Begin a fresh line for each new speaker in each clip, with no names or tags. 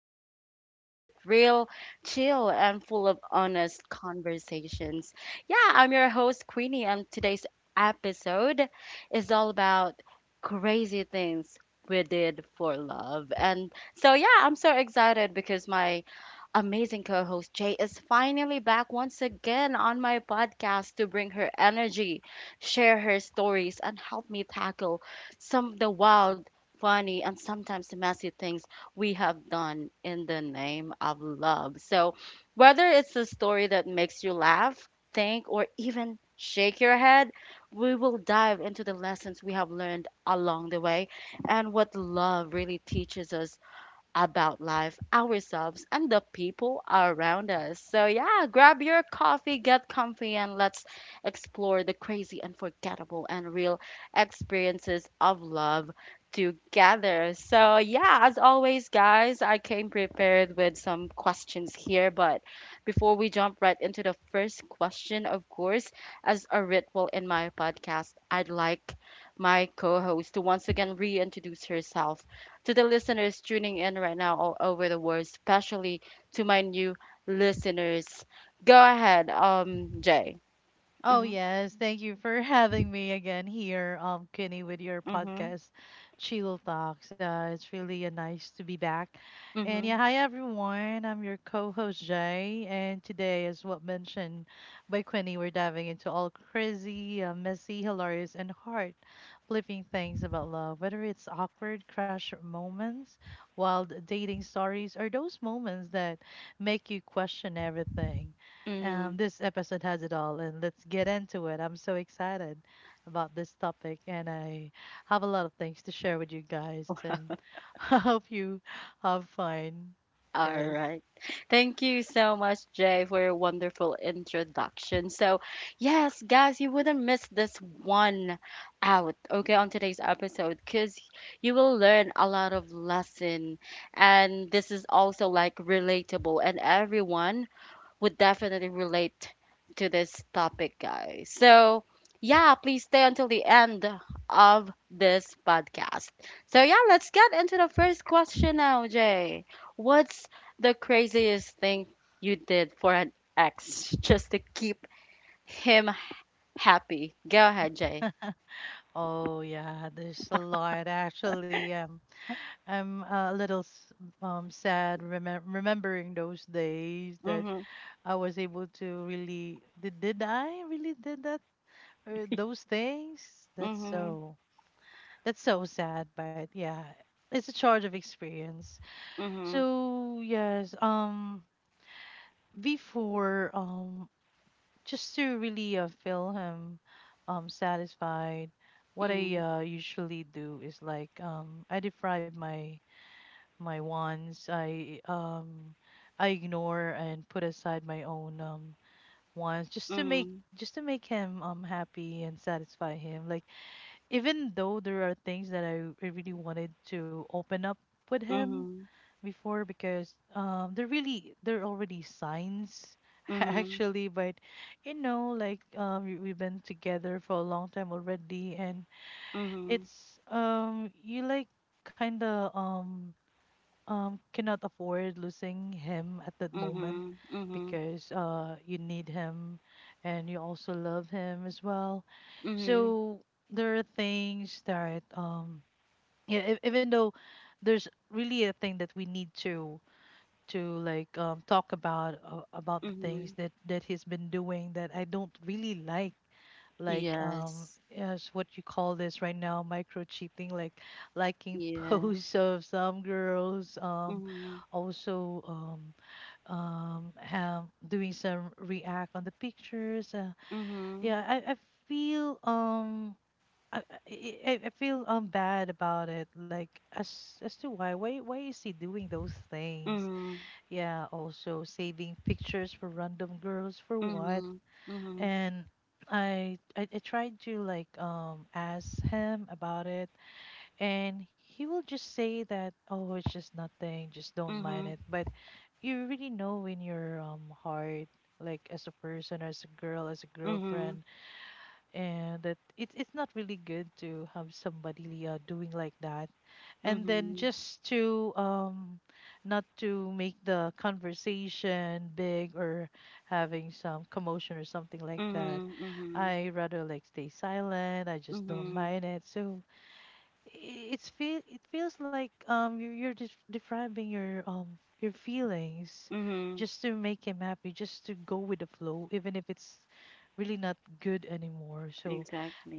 podcast where we keep it real, chill, and full of honest conversations. Yeah, I'm your host, Queenie, and today's episode is all about crazy things we did for love. And so, yeah, I'm so excited because my amazing co host Jay is finally back once again on my podcast to bring her energy, share her stories, and help me tackle some of the wild, funny, and sometimes messy things we have done in the name of love. So, whether it's a story that makes you laugh, think, or even shake your head, we will dive into the lessons we have learned along the way and what love really teaches us about life, ourselves, and the people around us. So, yeah, grab your coffee, get comfy, and let's explore the crazy, unforgettable, and real experiences of love together. So, yeah, as always, guys, I came prepared with some questions here, but before we jump right into the first question, of course, as a ritual in my podcast, I'd like my co host to once again reintroduce herself to the listeners tuning in right now all over the world, especially to my new listeners. Go ahead, Jay.
Oh
Mm-hmm,
yes, thank you for having me again here, Kenny, with your
mm-hmm,
podcast, Chill Talks. It's really nice to be back. And
mm-hmm,
yeah, hi everyone. I'm your co-host Jay, and today, as what mentioned by Quinny, we're diving into all crazy, messy, hilarious, and heart-flipping things about love. Whether it's awkward crush moments, wild dating stories, or those moments that make you question everything.
mm-hmm.
This episode has it all, and let's get into it. I'm so excited about this topic, and I have a lot of things to share with you guys, and I hope you have fun.
All
Yes.
right. Thank you so much, Jay, for your wonderful introduction. So, yes, guys, you wouldn't miss this one out, okay, on today's episode, because you will learn a lot of lesson, and this is also like relatable, and everyone would definitely relate to this topic, guys. So, yeah, please stay until the end of this podcast. So, yeah, let's get into the first question now, Jay. What's the craziest thing you did for an ex just to keep him happy? Go ahead, Jay.
Oh yeah, there's a lot actually. I'm a little sad remembering those days that
Mhm.
I was able to really did I really did that or those things? That's
Mhm.
so. That's so sad, but yeah, it's a charge of experience.
Mhm.
So yes, before just to really feel him, satisfied, what I
Mhm.
usually do is like I deprive my wants. I ignore and put aside my own wants just to make
Mhm.
him happy and satisfy him. Like even though there are things that I really wanted to open up with him
Mhm.
before because they're already signs
Mhm.
actually. But you know, like we've been together for a long time already, and
Mhm.
it's you like kind of cannot afford losing him at that moment
Mhm. Mhm.
because you need him, and you also love him as well.
Mhm.
So there are things that yeah, even though there's really a thing that we need to like talk about, about the things
Mhm.
that he's been doing that I don't really like. Like
Yes.
yes, what you call this right now, micro cheating, like liking
Yeah.
posts of some girls,
Mhm.
also have doing some react on the pictures,
Mhm.
yeah. I feel I, I feel bad about it, like as to why is he doing those things?
Mhm.
Yeah, also saving pictures for random girls for what?
Mhm. Mhm.
And I tried to like ask him about it, and he will just say that, oh, it's just nothing, just don't mind
Mhm.
it. But you really know in your heart, like as a person, as a girl, as a
Mhm.
girlfriend, and that it's not really good to have somebody doing like that. And then
Mhm.
just to not to make the conversation big or having some commotion or something like that,
Mhm.
I rather like stay silent. I
Mhm.
just don't
Mhm.
mind it. So it feels like you're describing your feelings
Mhm.
just to make him happy, just to go with the flow, even if it's really not good anymore. So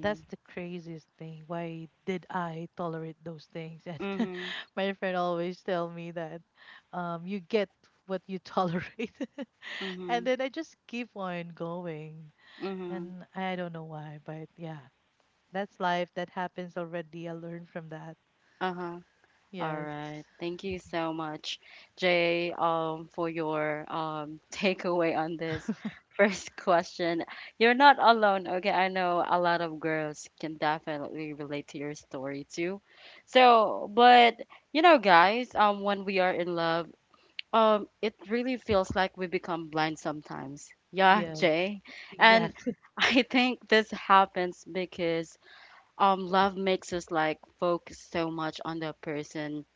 that's the craziest thing. Why did I tolerate those things? And
Mhm.
my friend always tell me that you get what you tolerate, and
Mhm.
then I just keep on going,
Mhm.
and I don't know why, but yeah, that's life. That happens already. I learned from that.
Uh-huh. All
Yes.
right. Thank you so much, Jay, for your takeaway on this first question. You're not alone. Okay. I know a lot of girls can definitely relate to your story too. So, but you know, guys, when we are in love, it really feels like we become blind sometimes. Yeah,
Yes.
Jay. And
Exactly.
I think this happens because love makes us like focus so much on the person,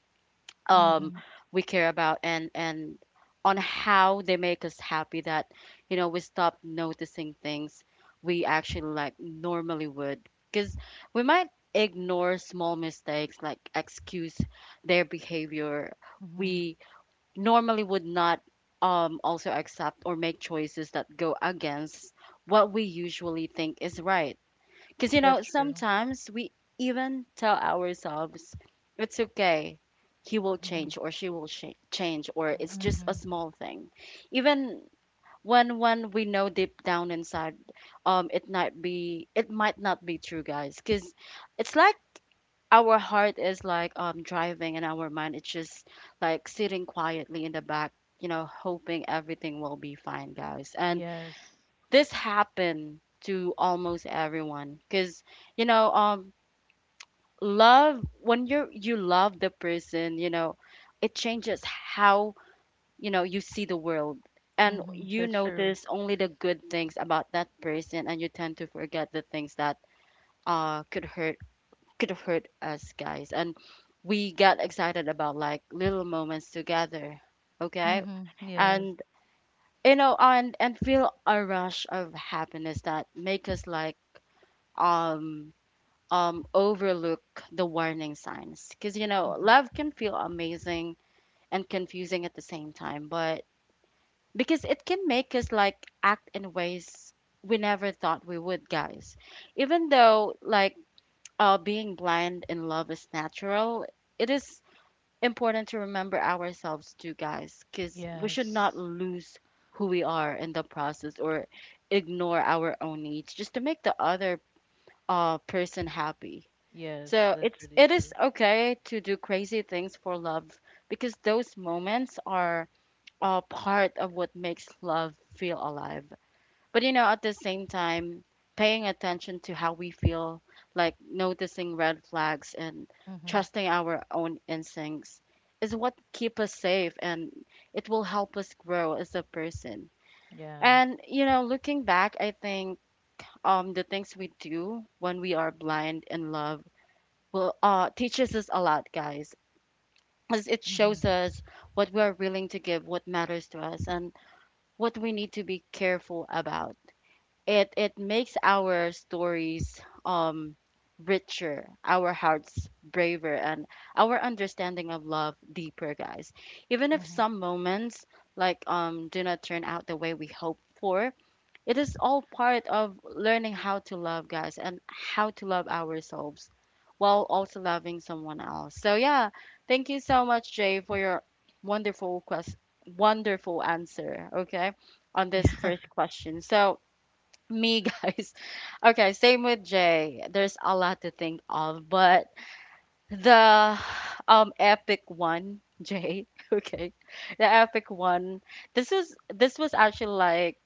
um,
Mm-hmm.
we care about and on how they make us happy that you know we stop noticing things we actually like normally would, because we might ignore small mistakes like excuse their behavior
Mm-hmm.
we normally would not also accept or make choices that go against what we usually think is right because, you know,
That's true.
sometimes we even tell ourselves, it's okay, he will
Mm-hmm.
change or she will change, or it's just a
Mm-hmm.
small thing. Even when we know deep down inside it might be it might not be true, guys, because it's like our heart is like driving and our mind it's just like sitting quietly in the back, you know, hoping everything will be fine, guys. And
Yes.
this happened to almost everyone because you know, love, when you love the person, you know it changes how you know you see the world, and
Mm-hmm.
you
That's true.
notice only the good things about that person and you tend to forget the things that uh could hurt could hurt us, guys. And we get excited about like little moments together, okay,
Mm-hmm. Yes.
and you know, and feel a rush of happiness that make us like um overlook the warning signs, because you know
Mm-hmm.
love can feel amazing and confusing at the same time, but because it can make us like act in ways we never thought we would, guys. Even though like being blind in love is natural, it is important to remember ourselves too, guys, because we should not
Yes.
lose who we are in the process or ignore our own needs just to make the other person happy.
Yes.
So
That's
it's
really
it is
true.
okay to do crazy things for love, because those moments are a part of what makes love feel alive. But you know, at the same time, paying attention to how we feel, like noticing red flags and
Mm-hmm.
trusting our own instincts is what keep us safe and it will help us grow as a person.
Yeah.
And you know, looking back, I think the things we do when we are blind in love well teaches us a lot, guys, as it
Mm-hmm.
shows us what we're willing to give, what matters to us, and what we need to be careful about. It makes our stories richer, our hearts braver, and our understanding of love deeper, guys, even if
Mm-hmm.
some moments like do not turn out the way we hope for. It is all part of learning how to love, guys, and how to love ourselves while also loving someone else. So yeah, thank you so much, Jay, for your wonderful quest, wonderful answer. Okay, on this
Yeah.
first question. So me, guys. Okay, same with Jay. There's a lot to think of, but the epic one, Jay. Okay, the epic one. This was actually like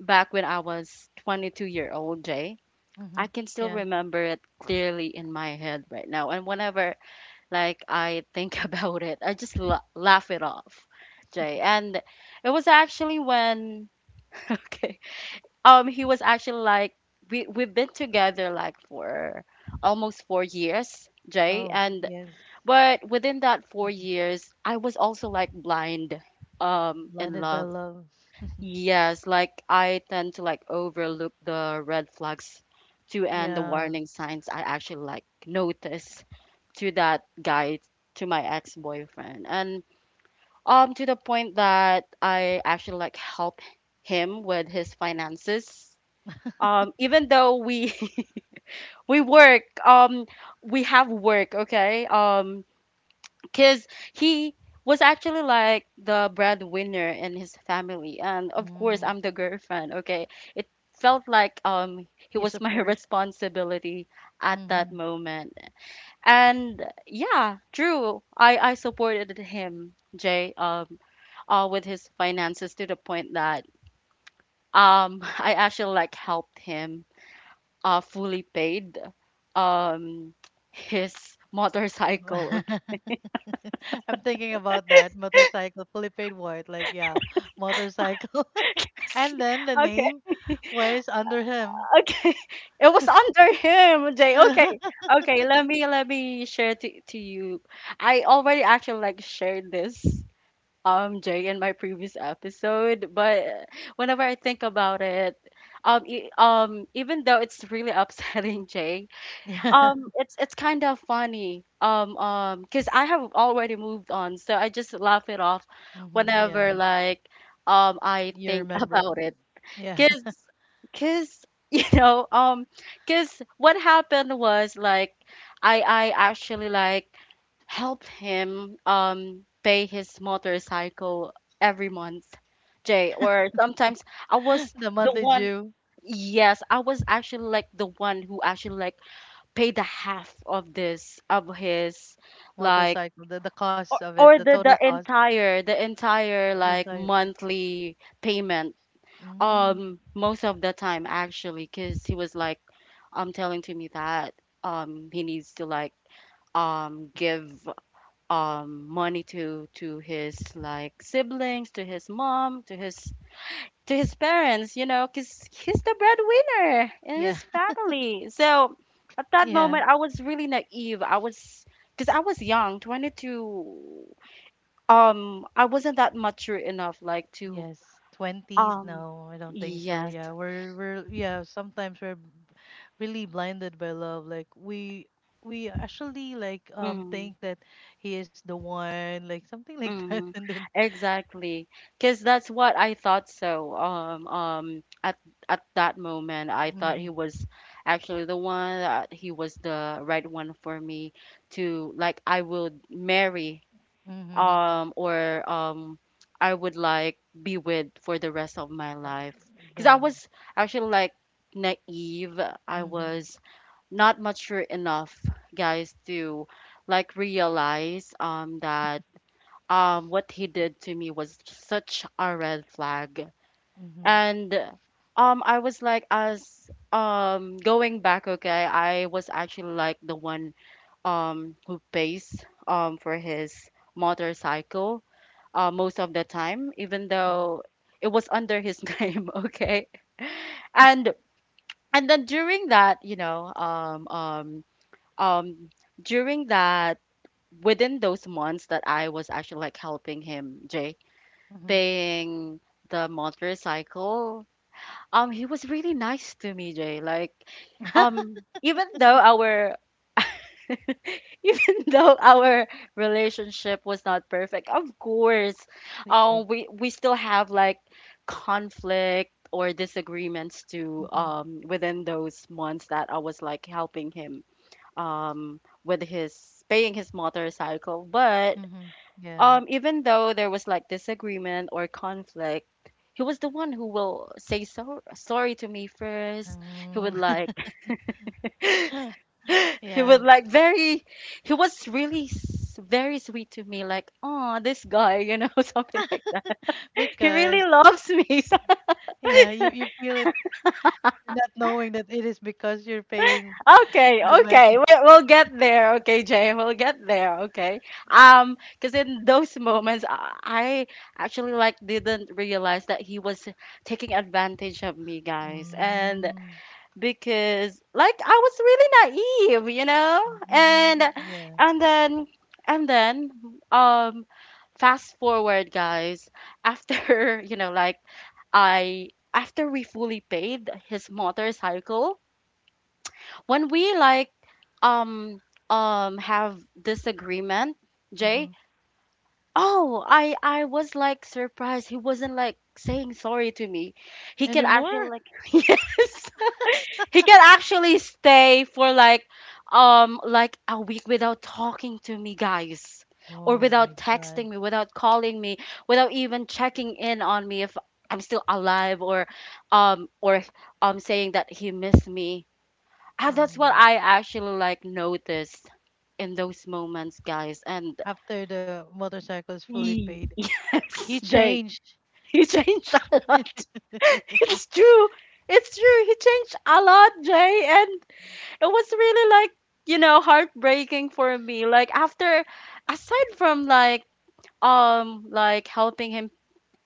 back when I was 22-year-old, Jay.
Mm-hmm.
I can still
Yeah.
remember it clearly in my head right now. And whenever like I think about it, I just laugh it off, Jay. And it was actually when okay, he was actually like we've been together like for almost 4 years, Jay.
Oh,
And
yes.
but within that four
Mhm.
years, I was also like blind, in
Blinded by
love.
love.
Yes, like I tend to like overlook the red flags too and the
Yeah.
warning signs I actually like notice to that guy, to my ex-boyfriend. And to the point that I actually like help him with his finances. Even though we we work, we have work, okay? Because he was actually like the breadwinner in his family, and of course
Mm-hmm.
I'm the girlfriend, okay. It felt like he
You
was my
support.
responsibility at that
Mm-hmm.
moment. And yeah, true, I supported him, Jay, with his finances, to the point that I actually like helped him fully paid um his motorcycle.
I'm thinking about that motorcycle, fully paid white, like yeah, motorcycle, and then the
Okay.
name was under him.
Okay, it was under him, Jay. Okay, okay, let me share to you. I already actually like shared this Jay in my previous episode, but whenever I think about it, even though it's really upsetting Jay,
Yeah,
it's kind of funny, because I have already moved on, so I just laugh it off
hmm,
whenever
yeah,
like I
you
think
remember?
about it.
Yeah,
Cause, cause you know, cause what happened was like I actually like help him pay his motorcycle every month, Jay. Or sometimes I was
the
the
monthly
one.
due
Yes, I was actually like the one who actually like paid the half of this of his, like,
motorcycle, the cost of it,
or
the
the
total cost,
the entire
the
like
entire.
monthly payment,
Mm,
most of the time actually, because he was like, telling to me that he needs to like give money to his like siblings, to his mom, to his, to his parents, you know, because he's the breadwinner in
yeah,
his family. So at that
yeah.
moment, I was really naive. I was because I was young, 22. I wasn't that mature enough like to
Yes, twenties?
um,
No, I don't think so.
yes.
Yeah, we're yeah. Sometimes we're really blinded by love. Like we actually like
Mm.
think that he is the one, like something like that,
Mm,
and then
exactly. Because that's what I thought so. At that moment, I thought
mm-hmm,
he was actually the one, that he was the right one for me to like I would marry,
mm-hmm,
or I would like be with for the rest of my
uh,
life. Because I
the
was actually like naive. I
mm-hmm,
was not mature enough, guys, to like realize that what he did to me was such a red flag.
mm-hmm,
And I was like as going back, okay, I was actually like the one who pays for his motorcycle most of the time, even
mm-hmm,
though it was under his name, okay. And and then during that, you know, um during that within those months that I was actually like helping him, Jay,
mm-hmm.
paying the motorcycle. He was really nice to me, Jay. Like, even though our even though our relationship was not perfect, of course,
Yes,
we still have like conflict or disagreements to
mm-hmm,
within those months that I was like helping him with his paying his motorcycle. But
mm-hmm, yeah.
even though there was like disagreement or conflict, he was the one who will say so sorry to me first. He would
Um,
like he would
yeah,
like very he was really very sweet to me like, "Oh, this guy," something like that. He really
because
loves me.
yeah, you feel it, not knowing that it is because you're paying.
Okay,
The
okay.
medley.
We'll, we'll get there. Okay, Jay, we'll get there. Okay. Because in those moments, I actually like didn't realize that he was taking advantage of me, guys. And
Mm.
because like I was really naive, you know? And
Mm-hmm. Yeah.
and then and then um fast forward, guys, after, like I after we fully paid his motorcycle when we like um have disagreement, Jay.
Mm-hmm.
Oh, I was like surprised he wasn't like saying sorry to me. He can actually
Anymore?
like yes, he can actually stay for like a week without talking to me, guys, or
Oh my
without
God.
texting me, without calling me, without even checking in on me if I'm still alive, or saying that he missed me. Ah, that's what
Mm.
I actually like noticed in those moments, guys. And
After the motorcycle is fully paid, he
Yes, they
changed.
he changed a lot. It's
Mm-hmm.
true. It's true. He changed a lot, Jay, and it was really like, heartbreaking for me. Like after aside from like helping him,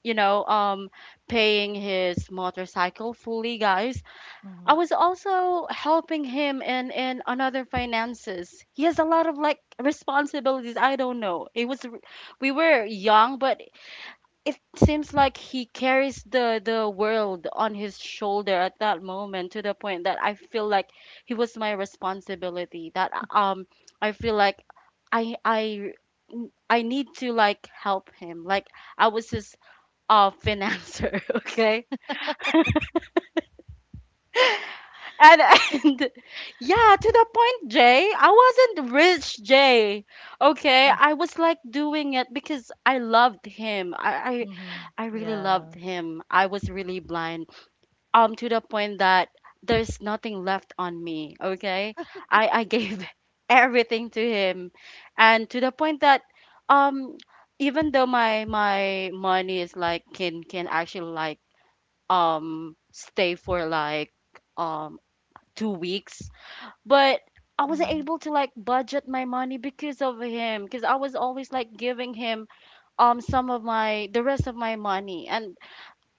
you know, um paying his motorcycle fully, guys, I was also helping him in on other finances. He has a lot of like responsibilities. I don't know. It was we were young, but it seems like he carries the world on his shoulder at that moment to the point that I feel like he was my responsibility. That I feel like I I I need to like help him. Like I was his financer, okay? And yeah, to the point, Jay, I wasn't rich, Jay. Okay,
Yeah.
I was like doing it because I loved him. I,
Mm-hmm.
I, I really loved
Yeah.
him. I was really blind. To the point that there's nothing left on me. Okay, I gave everything to him, and to the point that, um, even though my money is like can actually like um stay for like um 2 weeks. But I wasn't
Mm-hmm.
able to like budget my money because of him, because I was always like giving him some of my the rest of my money, and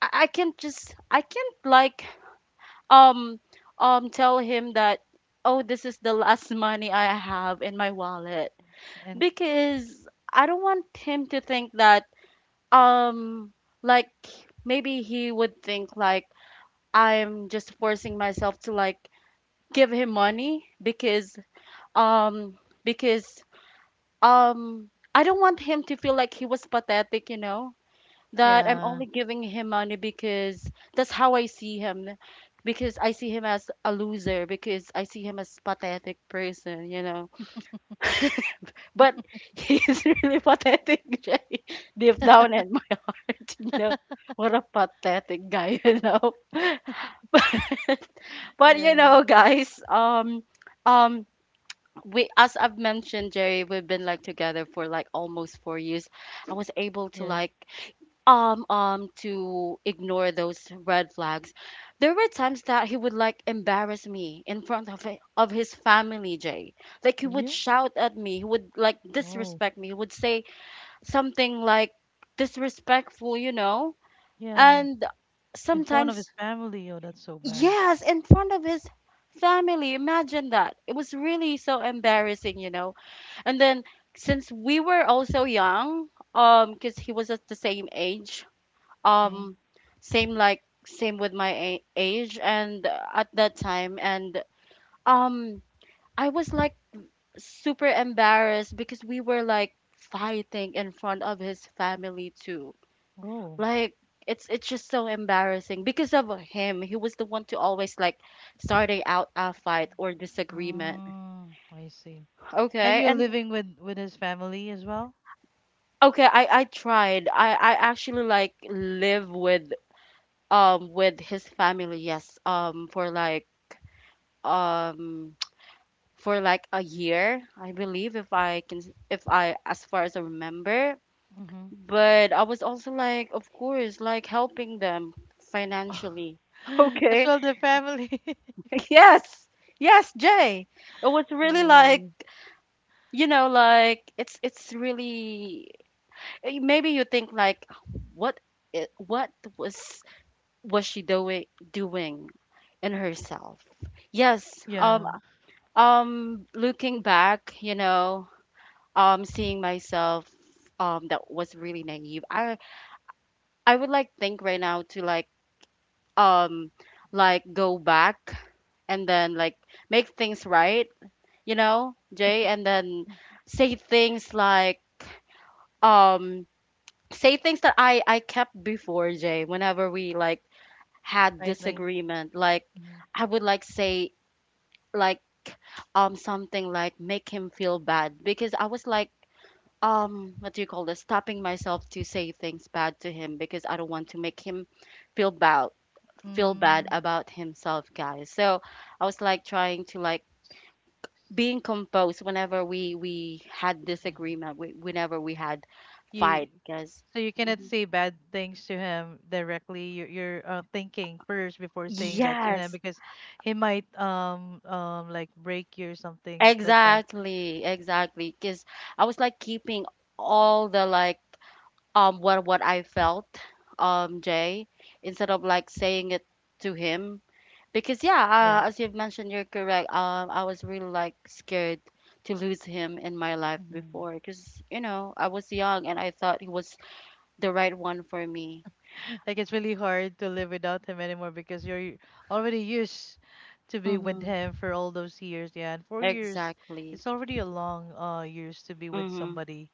I can't just I can't like um tell him that, "Oh, this is the last money I have in my wallet,"
And
because I don't want him to think that um like maybe he would think like I'm just forcing myself to like give him money um because um I don't want him to feel like he was pathetic, that I'm
yeah.
only giving him money because that's how I see him, because I see him as a loser, because I see him as pathetic person. But he's really pathetic Jay, deep down in my heart. What a pathetic guy. But
Yeah.
guys, um we as I've mentioned, Jerry, we've been like together for like almost 4 years. I was able to
Yes.
like to ignore those red flags. There were times that he would like embarrass me in front of of his family, Jay. Like he would
Were
shout at me, he would like
Oh.
disrespect me, he would say something like disrespectful, you know?
Yeah.
And
In front of his
sometimes
family. Oh, that's so bad.
yes, in front of his family. Imagine that. It was really so embarrassing, and then since we were also young, because he was at the same age,
Mm.
um, same like same with my age, and at that time, and um, I was like super embarrassed because we were like fighting in front of his family too.
Oh.
Like it's just so embarrassing because of him. He was the one to always like starting out a fight or disagreement.
Mm, I see. And
Okay,
you're
and
living with his family as well?
okay, I tried. I actually like live with his family, yes. For like um for like a year, I believe if I can if I as far as I remember.
Mm-hmm.
But I was also like of course like helping them financially.
As
Okay.
well, the family.
Yes. Yes, Jay. It was really like
Oh,
like it's really maybe you think like what what was was she doing in herself? Yes.
yeah,
Looking back, seeing myself, that was really naive. I would like think right now to um, like go back and then like make things right, Jay, and then say things like um say things that I kept before, Jay, whenever we like had
right thing.
disagreement like I would like say like something like make him feel bad because I was like what do you call this stopping myself to say things bad to him because I don't want to make him feel bad feel bad
Mm-hmm.
about himself, guys, so I was like trying to like being composed whenever we had
Yeah.
disagreement whenever we had
You
fight because
So you cannot say bad things to him directly. You're thinking first before saying that to him
yes,
because he might like break you or something like that.
exactly, because I was like keeping all the like what I felt, Jay, instead of like saying it to him because yeah. As you've mentioned, you're correct. I was really like scared to lose him in my life before
Yes.
because I was young and I thought he was the right one for me.
Like it's really hard to live without him anymore because you're already used to be with
Mm-hmm.
him for all those years. Yeah, and 4 years,
Exactly.
it's already a long years to be with
Mm-hmm.
somebody.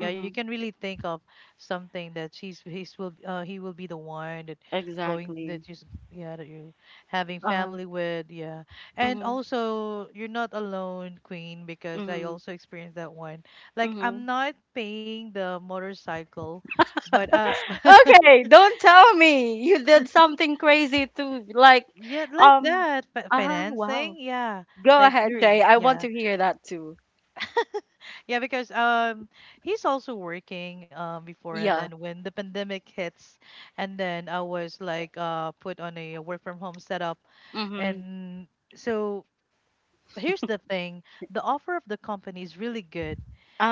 Yeah, you
Mm-hmm.
can really think of something that she's he's will he will be the one, that going
Exactly.
that you, yeah, that you having
Uh-huh.
family with, yeah. And
Mm-hmm.
also you're not alone, Queen, because I
Mm-hmm.
also experienced that one. Like
Mm-hmm.
I'm not paying the motorcycle, but
Okay, don't tell me you did something crazy too. Like,
yeah, like
um,
that. Fi
wow.
Financing, yeah.
Go
Like
ahead,
there,
Jay. I want
yeah.
to hear that too.
Yeah, because he's also working before, and
Yeah.
then when the pandemic hits, and then I was like put on a work from home setup.
Hmm.
And so here's the thing, the offer of the company is really good,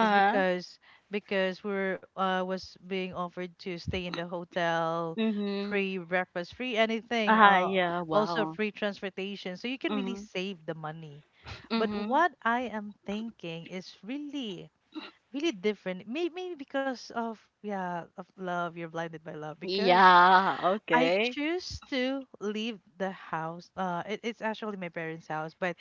is because we're was being offered to stay in the hotel,
Mm-hmm.
free breakfast, free anything,
Uh-huh. Yeah.
also
Wow.
free transportation, so you can really
Mm-hmm.
save the money. But
Mm-hmm.
what I am thinking is really really different, maybe because of, yeah, of love, you're blinded by love, because
Yeah.
I
Okay.
choose to leave the house. It's actually my parents' house, but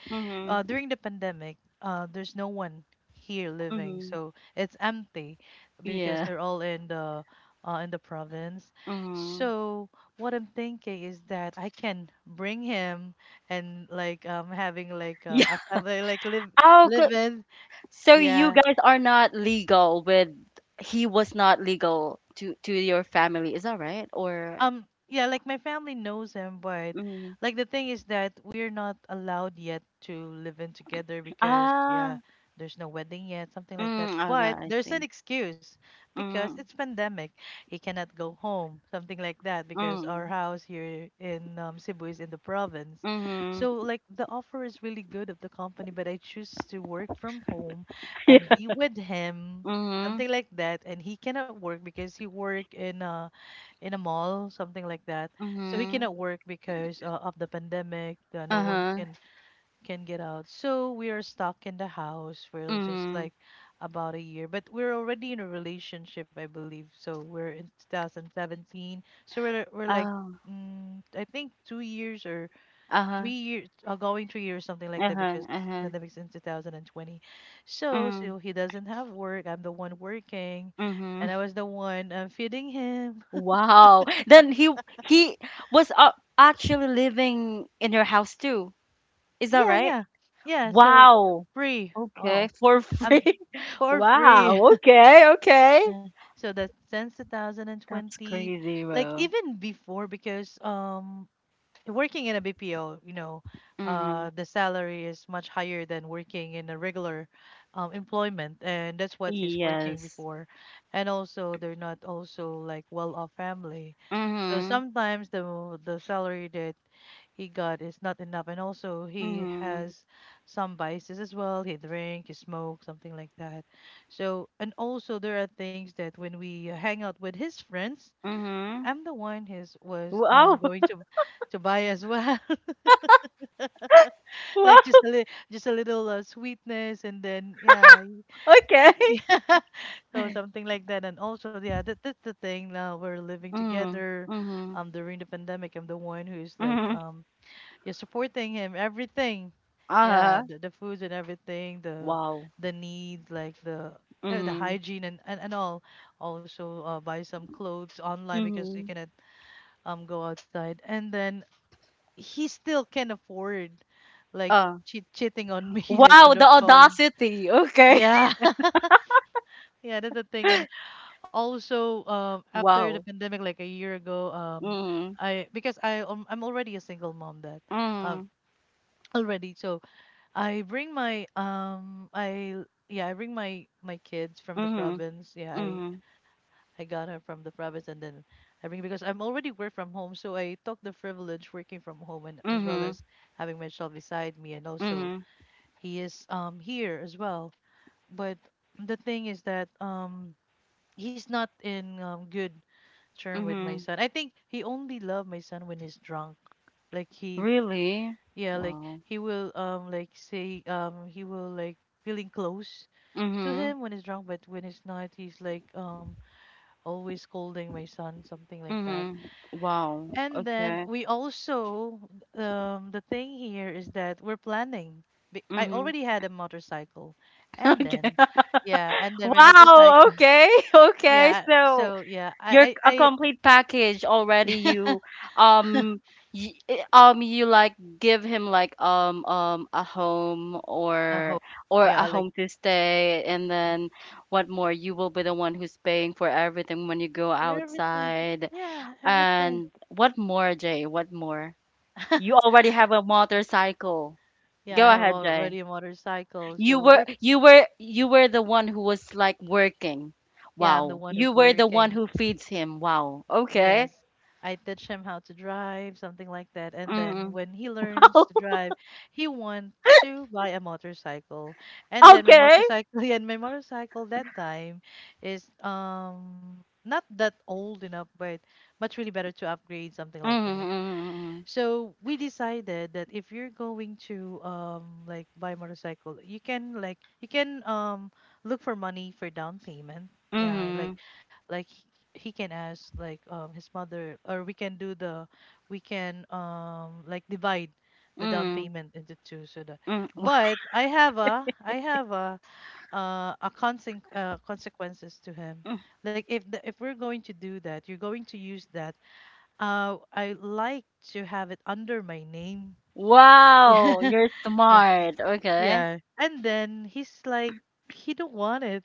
Mm-hmm.
during the pandemic, there's no one here living,
Mm-hmm.
so it's empty because
Yeah.
they're all in the province.
Mm-hmm.
So what I'm thinking is that I can bring him and like having like
Yeah.
a family, like live
Oh, good.
live in,
So you
yeah.
guys are not legal. With He was not legal to your family. Is that right? Or
Yeah, like my family knows him, but
mm.
like the thing is that we're not allowed yet to live in together because, yeah,
Ah.
there's no wedding yet, something like that.
Mm, oh, yeah,
But
I
there's an
think.
excuse because it's
Mm,
pandemic. He cannot go home, something like that, because our
mm,
house here in, Cebu, is in the province.
mhm.
So like the offer is really good of the company, but I choose to work from home and
Yeah.
be with him,
Mhm,
something like that. And he cannot work because he work in a mall, something like that. So he
mhm,
cannot work because of the pandemic. No one
uh-huh,
can get out. So we are stuck in the house for just
mhm.
like about a year. But we're already in a relationship, I believe. So we're in 2017. So we're like.
Oh,
Mm, I think 2 years or three
uh-huh,
years, going 3 years, something like that,
uh-huh,
because the
uh-huh,
pandemic's in 2020. So,
mm,
so he doesn't have work. I'm the one working, and I
mhm.
was the one feeding him.
Wow. Then he was actually living in your house too. Is that
Yeah,
right?
yeah, yeah. So
Wow.
free.
Okay,
Oh,
for
um,
free.
for free.
Wow. Okay, okay.
So that's since
That's
2020,
crazy,
like
bro.
even before, because working in a BPO,
Mhm.
the salary is much higher than working in a regular employment, and that's what he's working
Yes.
before. And also, they're not also like well-off family, so
Mhm.
sometimes the salary that he got is not enough, and also he
Mhm.
has some vices as well. He drink, he smoke, something like that. So, and also there are things that when we hang out with his friends,
Mhm.
I'm the one who's was
Wow.
going to buy as well,
Wow.
like just a little sweetness, and then yeah,
Okay.
yeah, so something like that. And also, yeah, that's the thing. Now we're living
Mm.
together,
Mm-hmm.
during the pandemic, I'm the one who's like,
Mm-hmm.
yeah, supporting him everything, yeah,
Uh-huh.
the foods and everything, the
Wow.
the needs, like the
Mm-hmm.
hygiene, and all, also buy some clothes online because you
Mm-hmm.
cannot go outside, and then he still can afford like
Uh.
cheating on me like on
Wow, the
the phone.
audacity. Okay.
Yeah. Yeah, that's the thing. And also, after the
Wow.
pandemic, like a year ago,
Mm.
I because I I'm already a single mom, that, um,
Mm.
already. So I bring my, I, yeah, I bring my kids from the
Mm.
province. Yeah, I
Mm.
I got her from the province, and then I bring because I'm already work from home. So I took the privilege working from home and as well
Mm.
as having my child beside me, and also
Mm.
he is here as well. But the thing is that he's not in good term with my
Mm.
son. I think he only love my son when he's drunk. Like he,
Really?
yeah, like
Wow.
he will like say he will like feeling close to
Mm.
him when he's drunk, but when he's not, he's like always scolding my son, something like that.
Mm. Wow.
And then
Okay.
we also, the thing here is that we're planning. I
Mm.
already had a motorcycle, and
Okay.
then, yeah, and then my
Wow.
motorcycle,
Okay. Okay.
yeah.
So
So yeah,
you're a complete package already.
I,
Um you like give him like a home
a
or,
hope,
a
yeah, like
home to stay, and then what more, you will be the one who's paying for everything when you go
for everything,
outside,
yeah, everything.
and what more, Jay, what more, you already have a motorcycle.
Yeah,
Go
I have
ahead, Jay.
already a motorcycle,
you
so
were
we're,
you were you were the one who was like working.
yeah, I'm the
Wow.
one
You
who's
were the one
working.
who feeds him. Wow. Okay.
Yes. I teach him how to drive, something like that. And then
Mm.
when he learns
Oh,
to drive, he wants to buy a motorcycle. And then my
okay.
motorcycle, yeah, and my motorcycle that time is not that old enough, but much really better to upgrade, something like that.
Mhm,
So we decided that if you're going to like buy motorcycle, you can like you can look for money for down payment. Yeah, like
mhm,
like he he can ask like his mother, or we can do the we can like divide
mhm,
the down
mhm,
payment into two so that
mhm.
but I have a consequences to him. Like if we're going to do that, you're going to use that. Uh, I like to have it under my name. Yeah.
Wow, wow, you're
Yeah.
smart. Okay.
Yeah. And then he's like, he don't want it.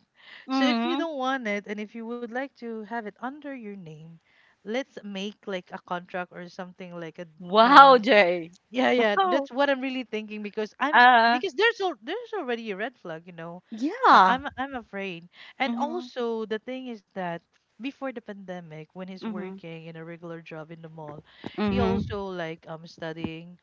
So if you
Mm-hmm.
don't want it and if you would like to have it under your name, let's make like a contract or something like a
Wow,
um
Jay.
yeah, yeah,
Wow.
that's what I'm really thinking, because I'm
Uh,
because there's already a red flag.
yeah.
I'm afraid. And
Mm-hmm.
also the thing is that before the pandemic, when he's
Mm-hmm.
working in a regular job in the mall, he
Mm-hmm.
also like studying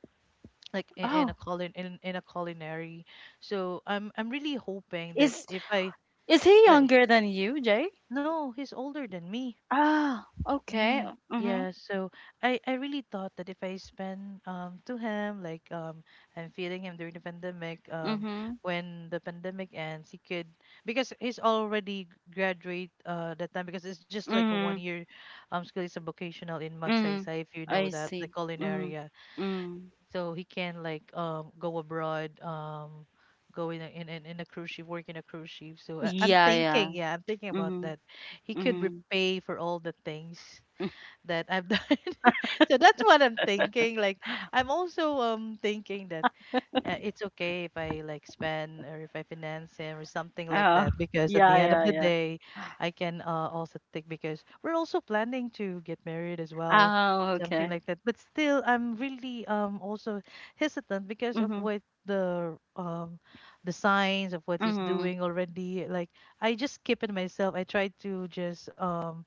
like
Oh,
in a culinary. So I'm really hoping that
is
if I
is he
like.
younger than you, Jay?
No, he's older than me.
Ah, okay.
Mm,
Mm-hmm.
yeah, so I really thought that if I spend to him like I'm feeding him during the pandemic.
Mm-hmm.
When the pandemic ends he could, because he's already graduate that time, because it's just like a one
Mm-hmm.
year school is a vocational in
Mm-hmm.
Magsaysay if you
I
know that the
see. Mm-hmm.
culinary, yeah.
Mm-hmm.
So he can like go abroad, go in a, in a cruise ship, work in a cruise ship. So I'm
Yeah, yeah.
thinking, yeah, I'm thinking about
Mm-hmm.
that he could
Mm-hmm.
repay for all the things that I've done. So that's what I'm thinking. Like I'm also thinking that it's okay if I like spend or if I finance him or something like
Oh,
that, because at
yeah,
the end of
yeah,
the
yeah.
day, I can also take, because we're also planning to get married as well,
Oh,
something
okay.
like that. But still, I'm really also hesitant because of
Mhm,
what the signs of what he's
mhm,
doing already. Like I just keep it myself. I try to just um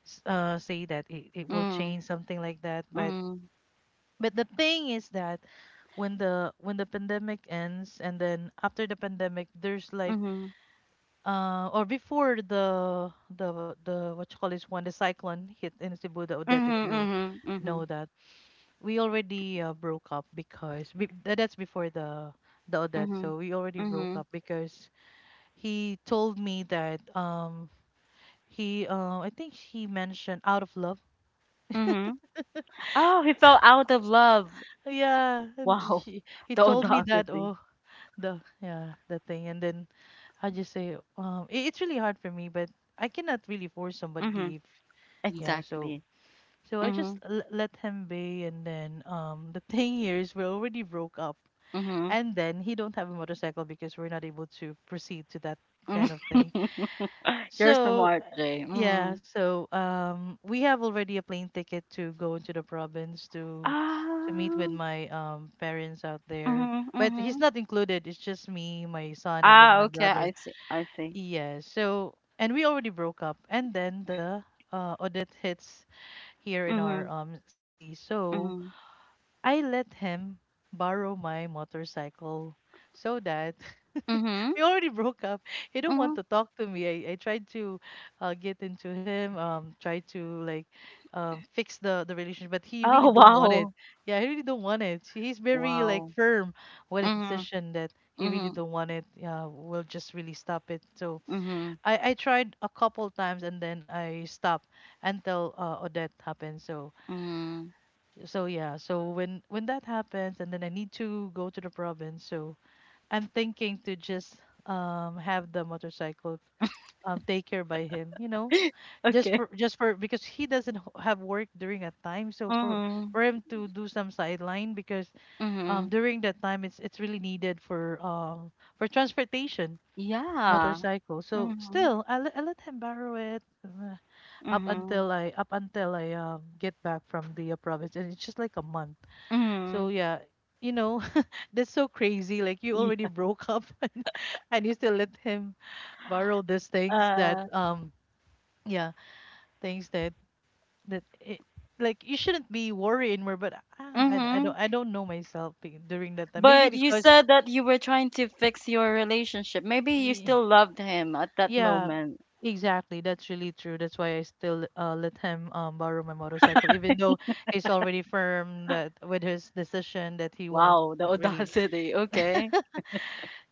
s- uh, say that it will
mm,
change, something like that,
mhm,
but the thing is that when the pandemic ends, and then after the pandemic there's like
mhm,
or before the what you call this one, the cyclone hit in Cebu, the Odette
mhm,
if you
mhm,
know
mhm,
that we already broke up because that's before the Odette.
mhm,
So we already broke
mhm,
up because he told me that he I think he mentioned out of love.
mhm. Oh, he fell out of love.
Yeah, and
Wow,
she he
the
told me that.
audacity.
Oh, the, yeah, the thing. And then I just say, it's really hard for me, but I cannot really force somebody
Mhm,
if. Yeah.
exactly.
So I just
Mhm,
let him be, and then the thing here is we already broke up,
mhm,
and then he don't have a motorcycle because we're not able to proceed to that
mhm.
kind of thing.
You're
So,
smart, Jay.
yeah,
Mhm.
so, we have already a plane ticket to go into the province to meet with
Ah,
my parents out there.
mhm,
But he's
mhm.
not included. It's just me, my son, and then
Ah,
my
okay. I
brother.
see. I see.
Yeah. So, and we already broke up, and then the audit hits here in our
Mhm,
city. So
mhm,
I let him borrow my motorcycle, so that
mhm,
we already broke up. He don't want
mhm.
to talk to me. I tried to get into him, try to like, fix the relationship, but he really
Oh,
don't want it.
wow,
Yeah, he really don't want it. He's very like
wow.
firm with his
Mhm.
decision that he really
Mhm.
don't want it. Yeah, we'll just really stop it. So
Mhm,
I tried a couple times and then I stopped until Odette happened. So
mhm.
yeah. So when that happens and then I need to go to the province. So I'm thinking to just have the motorcycle, take care by him, you know, just
Okay.
for because he doesn't have work during a time, so for
Mhm,
him to do some sideline, because
mhm.
during that time it's really needed for transportation
Yeah.
motorcycle. So
Mhm,
still I let him borrow it,
mhm,
up until I get back from the province, and it's just like a month. So
mhm.
yeah, you know, that's so crazy. Like you already broke up and you still let him borrow these things that
Yeah.
yeah, things that it, like you shouldn't be worried anymore, but ah,
Mhm.
I don't know myself during that time. Maybe
But you
because
said that you were trying to fix your relationship. Maybe you
y-
still loved him at that
yeah,
moment.
exactly. That's really true. That's why I still let him borrow my motorcycle, even though he's already firm that with his decision that he won't
Wow, the
really.
audacity. Okay.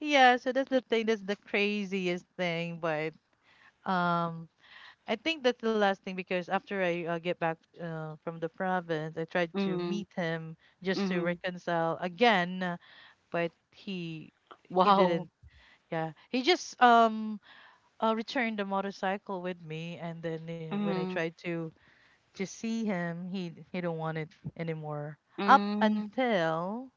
Yeah, so that's the thing. That's the craziest thing. But um, I think that's the last thing because after I get back from the province, I tried to
Mhm,
meet him just to
mhm.
reconcile again, but he
Wow.
didn't. Yeah, he just returned the motorcycle with me, and then when I
Mhm,
tried to see him, he don't want it anymore. Up
mm,
until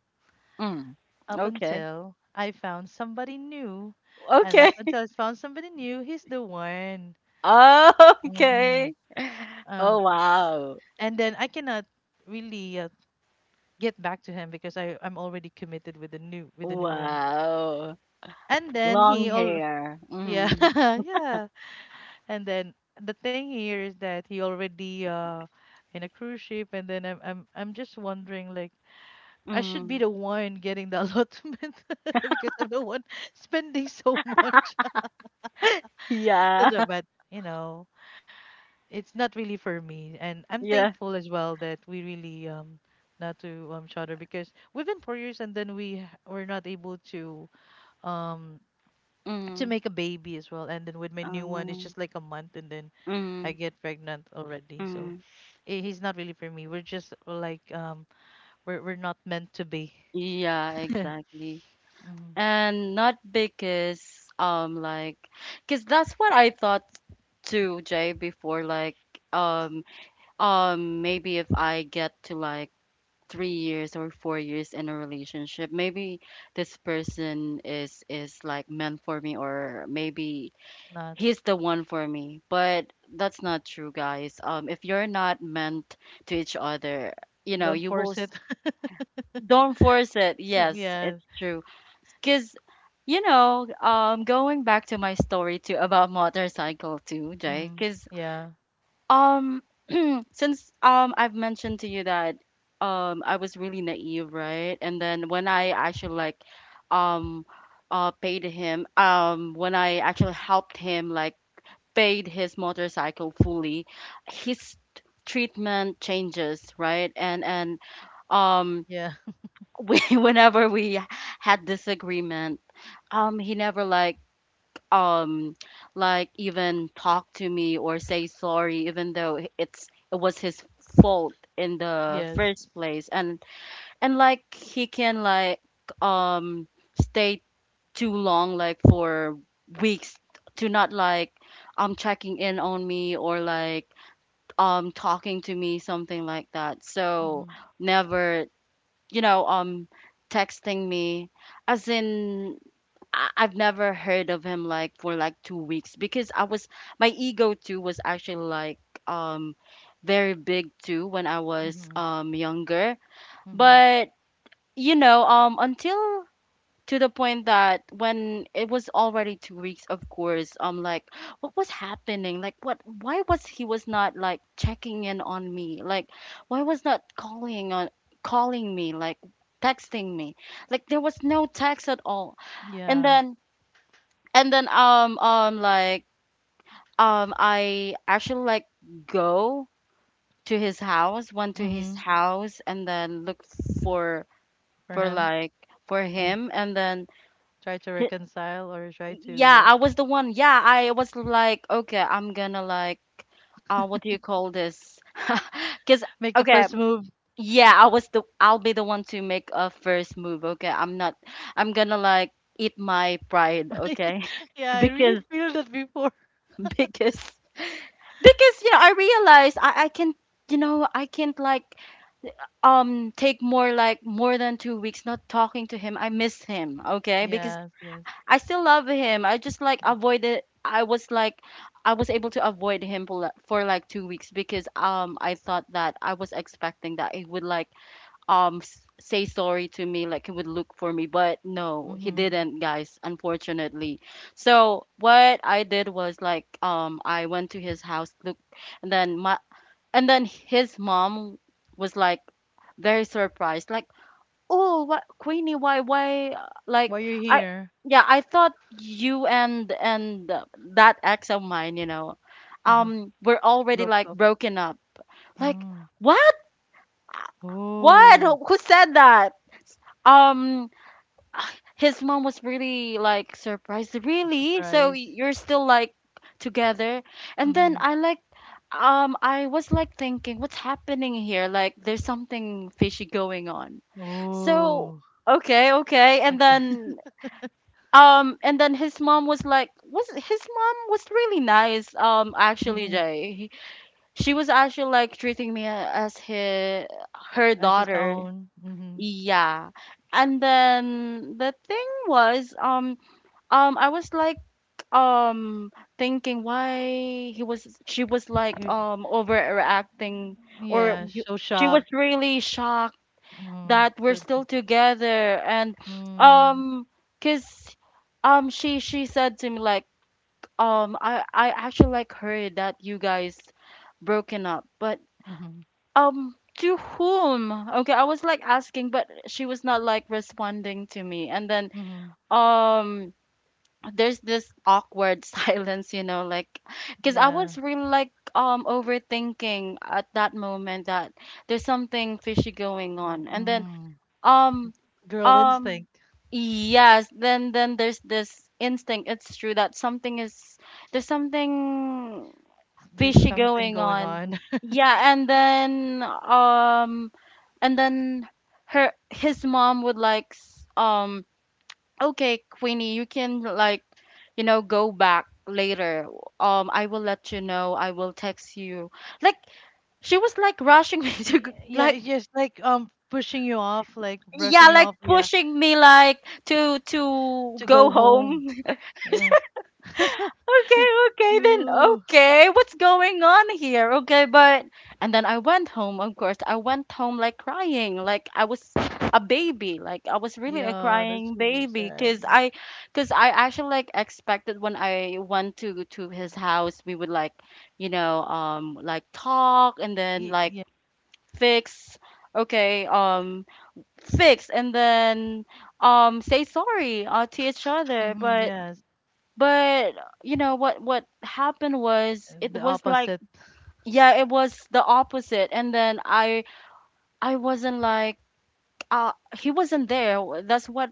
mm.
up
Okay.
until I found somebody new. And up
Okay.
until I found somebody new, he's the one. hmm
Okay.
Um,
Oh, wow.
and then I cannot really get back to him because I'm already committed with the new one.
Wow.
And then
Long
he all
hair.
yeah
Mhm.
yeah. And then the thing here is that he already in a cruise ship. And then I'm just wondering like I should be
Mhm.
the one getting the allotment because I'm the one spending so much.
Yeah.
But you know, it's not really for me. And I'm
Yeah.
thankful as well that we really not to shatter, because we've been 4 years and then were not able um to
Mhm.
make a baby as well. And then with my new one, it's
Um,
just like a month and then I
mhm.
get pregnant already. So
Mhm.
he's not really for me. We're just like, we're not meant to be.
Yeah, exactly.
hmm
And not because like cuz that's what I thought too, Jay, before like um maybe if I get to like 3 years or 4 years in a relationship, maybe this person is like meant for me, or maybe
Not
he's the one for me. But that's not true, guys. If you're not meant to each other,
don't
you will.
force it.
Don't force it. Yes,
yeah.
it's true. Cause going back to my story too about motorcycle too, Jay.
hmm
Cause
Yeah.
um, since I've mentioned to you that I was really naive, right? And then when I actually like um, paid him, when I actually helped him like paid his motorcycle fully, his treatment changes, right? And um
Yeah.
we, whenever we had disagreement, he never like um like even talk to me or say sorry even though it was his fault in the
yes.
first place, and like he can like um stay too long, like for weeks, to not like checking in on me or like talking to me, something like that. So
hmm
never, you know, um texting me, as in I've never heard of him like for like 2 weeks because I was my ego too was actually like um very big too when I was
hmm
younger.
Mm-hmm.
But until to the point that when it was already 2 weeks, of course, like what was happening, like what why was he was not like checking in on me, like why was not calling on calling me, like texting me, like there was no text at all. And
Yeah.
then and then um um like I actually like go to his house went to his
Mm-hmm.
house and then looked for
For
for
him.
like for
Uh,
him. And then
try to
he,
reconcile or try to,
yeah,
yeah,
I was the one. Yeah, I was like, okay, I'm gonna like, what do you call this? Because
make the
okay,
first move.
yeah, I'll be the one to make a first move. Okay, I'm not, I'm gonna like eat my pride. Okay.
Yeah, I really
because
feel that before.
because because you know, I realized I can't like take more, like more than 2 weeks not talking to him. I miss him, okay? Because
Yes, yes.
I still love him. I just like avoided. I was like, I was able to avoid him for, for like 2 weeks, because I thought that I was expecting that he would like say sorry to me, like he would look for me, but no, he
Mm-hmm.
didn't, guys. Unfortunately, so what I did was like I went to his house, look, and then his mom was like very surprised, like, oh, what, Queenie? Why? Why? Like
Why you're
I,
here?
yeah, I thought you and that ex of mine, you know,
Uh-huh.
were already
Broke
like
up.
broken up. Like
Mm.
what? Uh, What?
Oh,
Who said that? Um, his mom was really like surprised,
a
really. So
surprise.
you're still like together. And then
Mm-hmm.
I was like thinking, what's happening here? Like there's something fishy going on. So
Oh,
okay, okay. And
like
then his mom was really nice, actually,
mm-hmm.
Jay. She was actually like treating me as her
As his
daughter.
own. Mm-hmm.
Yeah. And then the thing was, I was like um thinking why he was she was like
You,
overreacting or
yeah, so
she was
shocked.
really shocked
Mm-hmm.
that we're
So,
still together. And
hmm
um, cause, she said to me like, I actually like heard that you guys broken up. But
Mm-hmm.
to whom? Okay, I was like asking, but she was not like responding to me. And then
Mm-hmm.
um there's this awkward silence, you know, like because I
Yeah.
was really like overthinking at that moment that there's something fishy going on. And then
Mm,
um
girl
um
instinct.
yes, then there's this instinct. It's true that something is, there's something
There's
fishy
something
going
going
on.
on.
Yeah. And then and then her his mom would like okay, Queenie, you can like, you know, go back later. I will let you know. I will text you. Like she was like rushing me to
Yeah,
like,
it's just like pushing you off, like
yeah,
brushing you
like
off, yeah,
pushing me like to
to
go
go home.
home.
Yeah.
Okay, okay, then
Ooh,
okay, what's going on here? Okay. But and then I went home, of course. I went home like crying, like I was a baby, like I was really a
yeah, that's
crying
super
baby,
sad.
cause I actually like expected when I went to his house, we would like, you know, like talk and then like
Yeah,
fix. Okay, fix. And then say sorry to each other.
mhm,
but
yes,
but you know what happened was, it
the
was like,
opposite.
yeah, it was the opposite. And then I wasn't like uh he wasn't there. That's what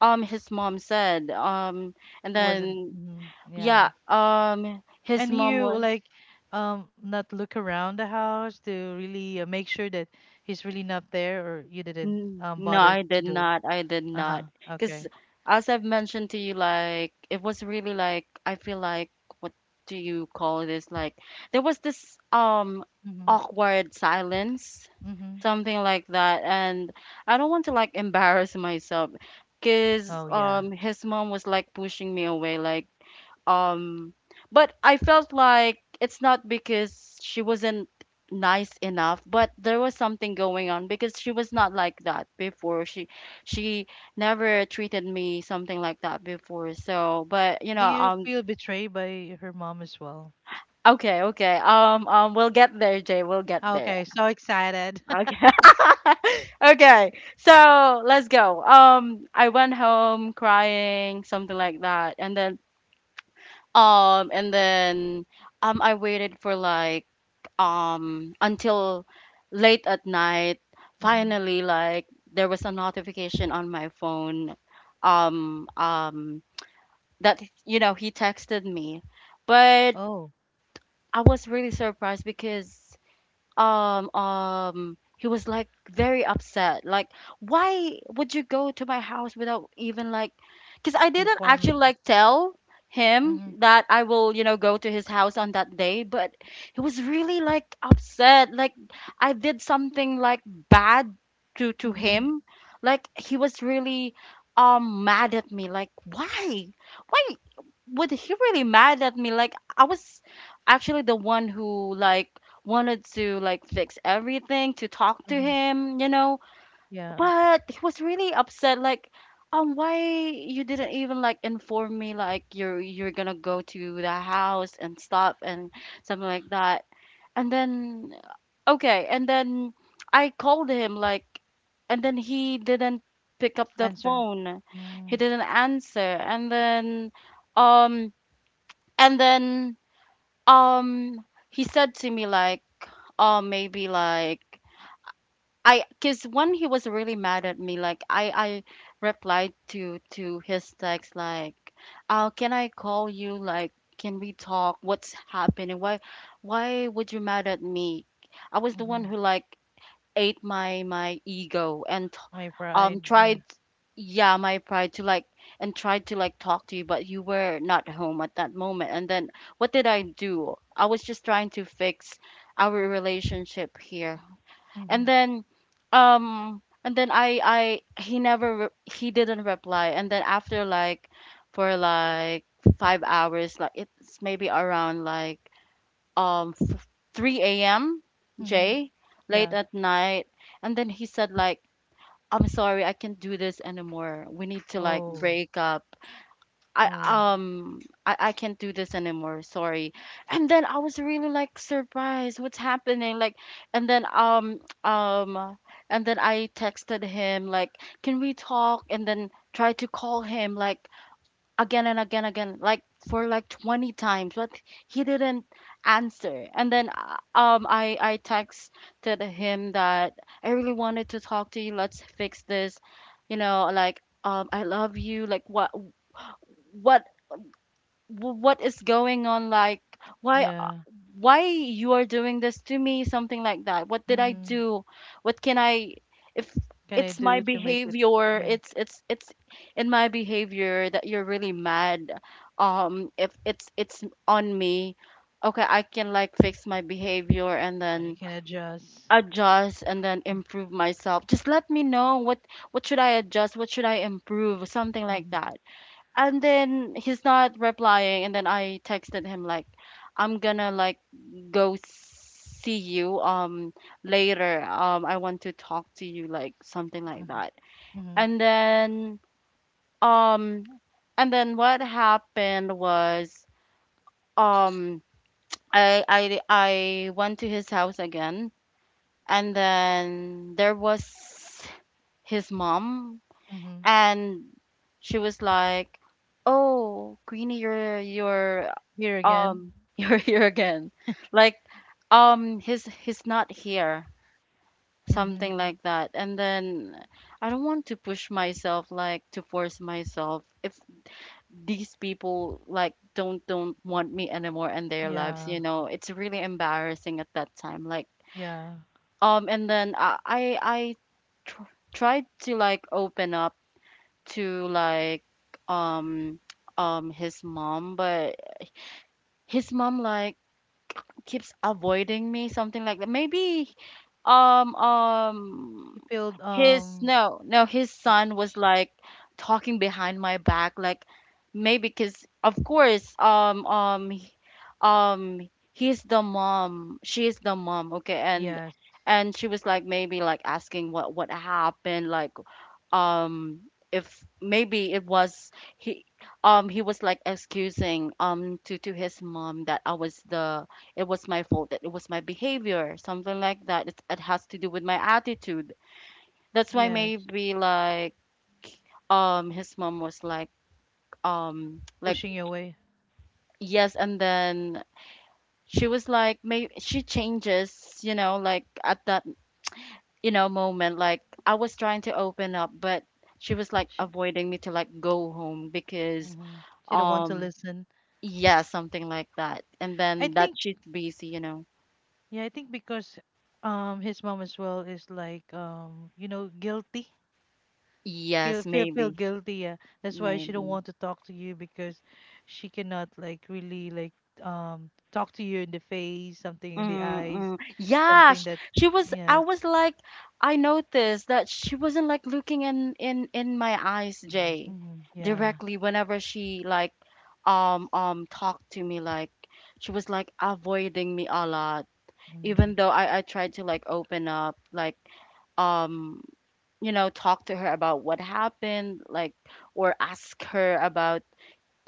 his mom said. Um, and
He wasn't.
then
Mhm,
yeah,
yeah,
his
and
mom
he
was,
like not look around the house to really make sure that he's really not there, or you didn't
N- no,
bother
I
to
did
do.
not. I did
Uh huh.
not. Because
Okay.
as I've mentioned to you, like it was really like I feel like what do you call this? Like there was this
Mm-hmm.
awkward silence,
Mm-hmm.
something like that. And I don't want to like embarrass myself because
Oh yeah.
his mom was like pushing me away, like um but I felt like it's not because she wasn't nice enough, but there was something going on because she was not like that before. She she never treated me something like that before. So but you know,
Do you feel betrayed by her mom as well?
okay, okay, we'll get there, Jay, we'll get
Oh,
there.
okay, so excited.
Okay. Okay. So let's go. I went home crying, something like that. And then um, and then I waited for like until late at night.
hmm
Finally, like there was a notification on my phone. Um, um, that you know he texted me. But
Oh,
I was really surprised because he was like very upset, like why would you go to my house without even like, because I didn't actually
informing.
like tell him
Mm-hmm.
that I will, you know, go to his house on that day. But he was really like upset, like I did something like bad to
Mm-hmm.
him, like he was really mad at me, like why why would he really mad at me, like I was actually the one who like wanted to like fix everything, to talk to
Mm-hmm.
him, you know.
Yeah.
But he was really upset, like why you didn't even like inform me, like you're gonna go to the house and stuff and something like that. And then okay, and then I called him like, and then he didn't pick up the
Answer.
phone, he
Mm-hmm.
didn't answer. And then um and then he said to me like, oh, maybe like I, because when he was really mad at me, like I replied to his text like, can I call you? Like, can we talk? What's happening? Why would you mad at me? I was the one
Mm-hmm.
who like ate my ego and
My pride. Yeah.
tried, yeah, my pride to like, and tried to like talk to you, but you were not home at that moment. And then what did I do? I was just trying to fix our relationship here. And
Mm-hmm.
then and then I he never re- he didn't reply. And then after like for like 5 hours, like it's maybe around like um f- 3 a.m.,
Mm-hmm.
Jay, late
Yeah.
at night. And then he said like, I'm sorry, I can't do this anymore, we need to like
Oh.
break up. I
Oh.
um I can't do this anymore, sorry. And then I was really like surprised, what's happening? Like, and then um and then I texted him like, can we talk? And then try to call him like again and again, like for like 20 times, but he didn't answer. And then I texted him that I really wanted to talk to you. Let's fix this. You know, like I love you. Like what what what is going on, like why
Yeah.
you are doing this to me, something like that. What did I
Mm-hmm.
do? What can I, if
Can I
it's my
do to make it?
behavior,
Yeah.
it's in my behavior that you're really mad, if it's on me, okay, I can like fix my behavior and
I
then
can adjust.
adjust and then
Mm-hmm.
improve myself. Just let me know what should I adjust, what should I improve, something like
Mm-hmm.
that. And then he's not replying. And then I texted him like, I'm gonna like go see you, later, I want to talk to you, like something like that.
Mm-hmm. Mm-hmm.
And then um what happened was, um I went to his house again. And then there was his mom,
Mm-hmm.
and she was like, oh Queenie, your."
Here again.
um you're here again, like he's not here,
Mm-hmm.
something like that. And then I don't want to push myself, like to force myself, if these people like don't want me anymore in their lives.
Yeah.
You know, it's really embarrassing at that time, like
Yeah.
and then I tried to like open up to like um his mom. But his mom like keeps avoiding me, something like that. Maybe um um
He felt
his no, no, his son was
sh-
like talking behind my back. Like, maybe because of course um he's the mom, she is the mom, okay, and
yes,
and she was like maybe like asking what happened, like, um if maybe it was he, he was like excusing to his mom that I was the, it was my fault, that it was my behavior, something like that. It has to do with my attitude. That's why
yes,
maybe like his mom was like
pushing you away.
yes, and then she was like maybe she changes, you know, like at that, you know, moment, like I was trying to open up, but she was like
She
avoiding me to like go home because
hmm she don't want to
Um,
listen.
yeah, something like that. And
I
then that
think
she's busy, you know.
yeah, I think because his mom as well is like guilty.
Yes,
Feel
maybe,
guilty, yeah. That's why she don't
maybe.
want to talk to you because she cannot like really like talk to you in the face, something in the eyes,
Mm-mm. Yeah,
something
sh
that.
she was.
Yes.
I was like, I noticed that she wasn't like looking in my eyes, Jay,
Mm-hmm. Yeah.
directly whenever she like talked to me. Like, she was like avoiding me a lot,
Mm-hmm.
even though I tried to like open up, like, um you know, talk to her about what happened, like, or ask her about,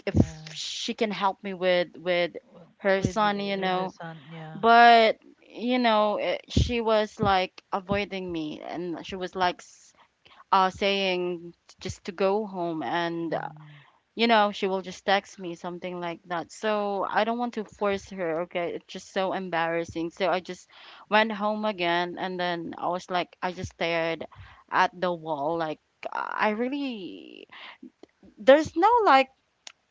if
Yeah.
she can help me with
w-
her
with
son, you
with the
know.
sun, yeah.
But you know, eh, she was like avoiding me and she was like saying just to go home, and
And
you know, she will just text me, something like that. So I don't want to force her, okay? It's just so embarrassing. So I just went home again, and then I was like, I just stared at the wall. Like, I really, there's no like,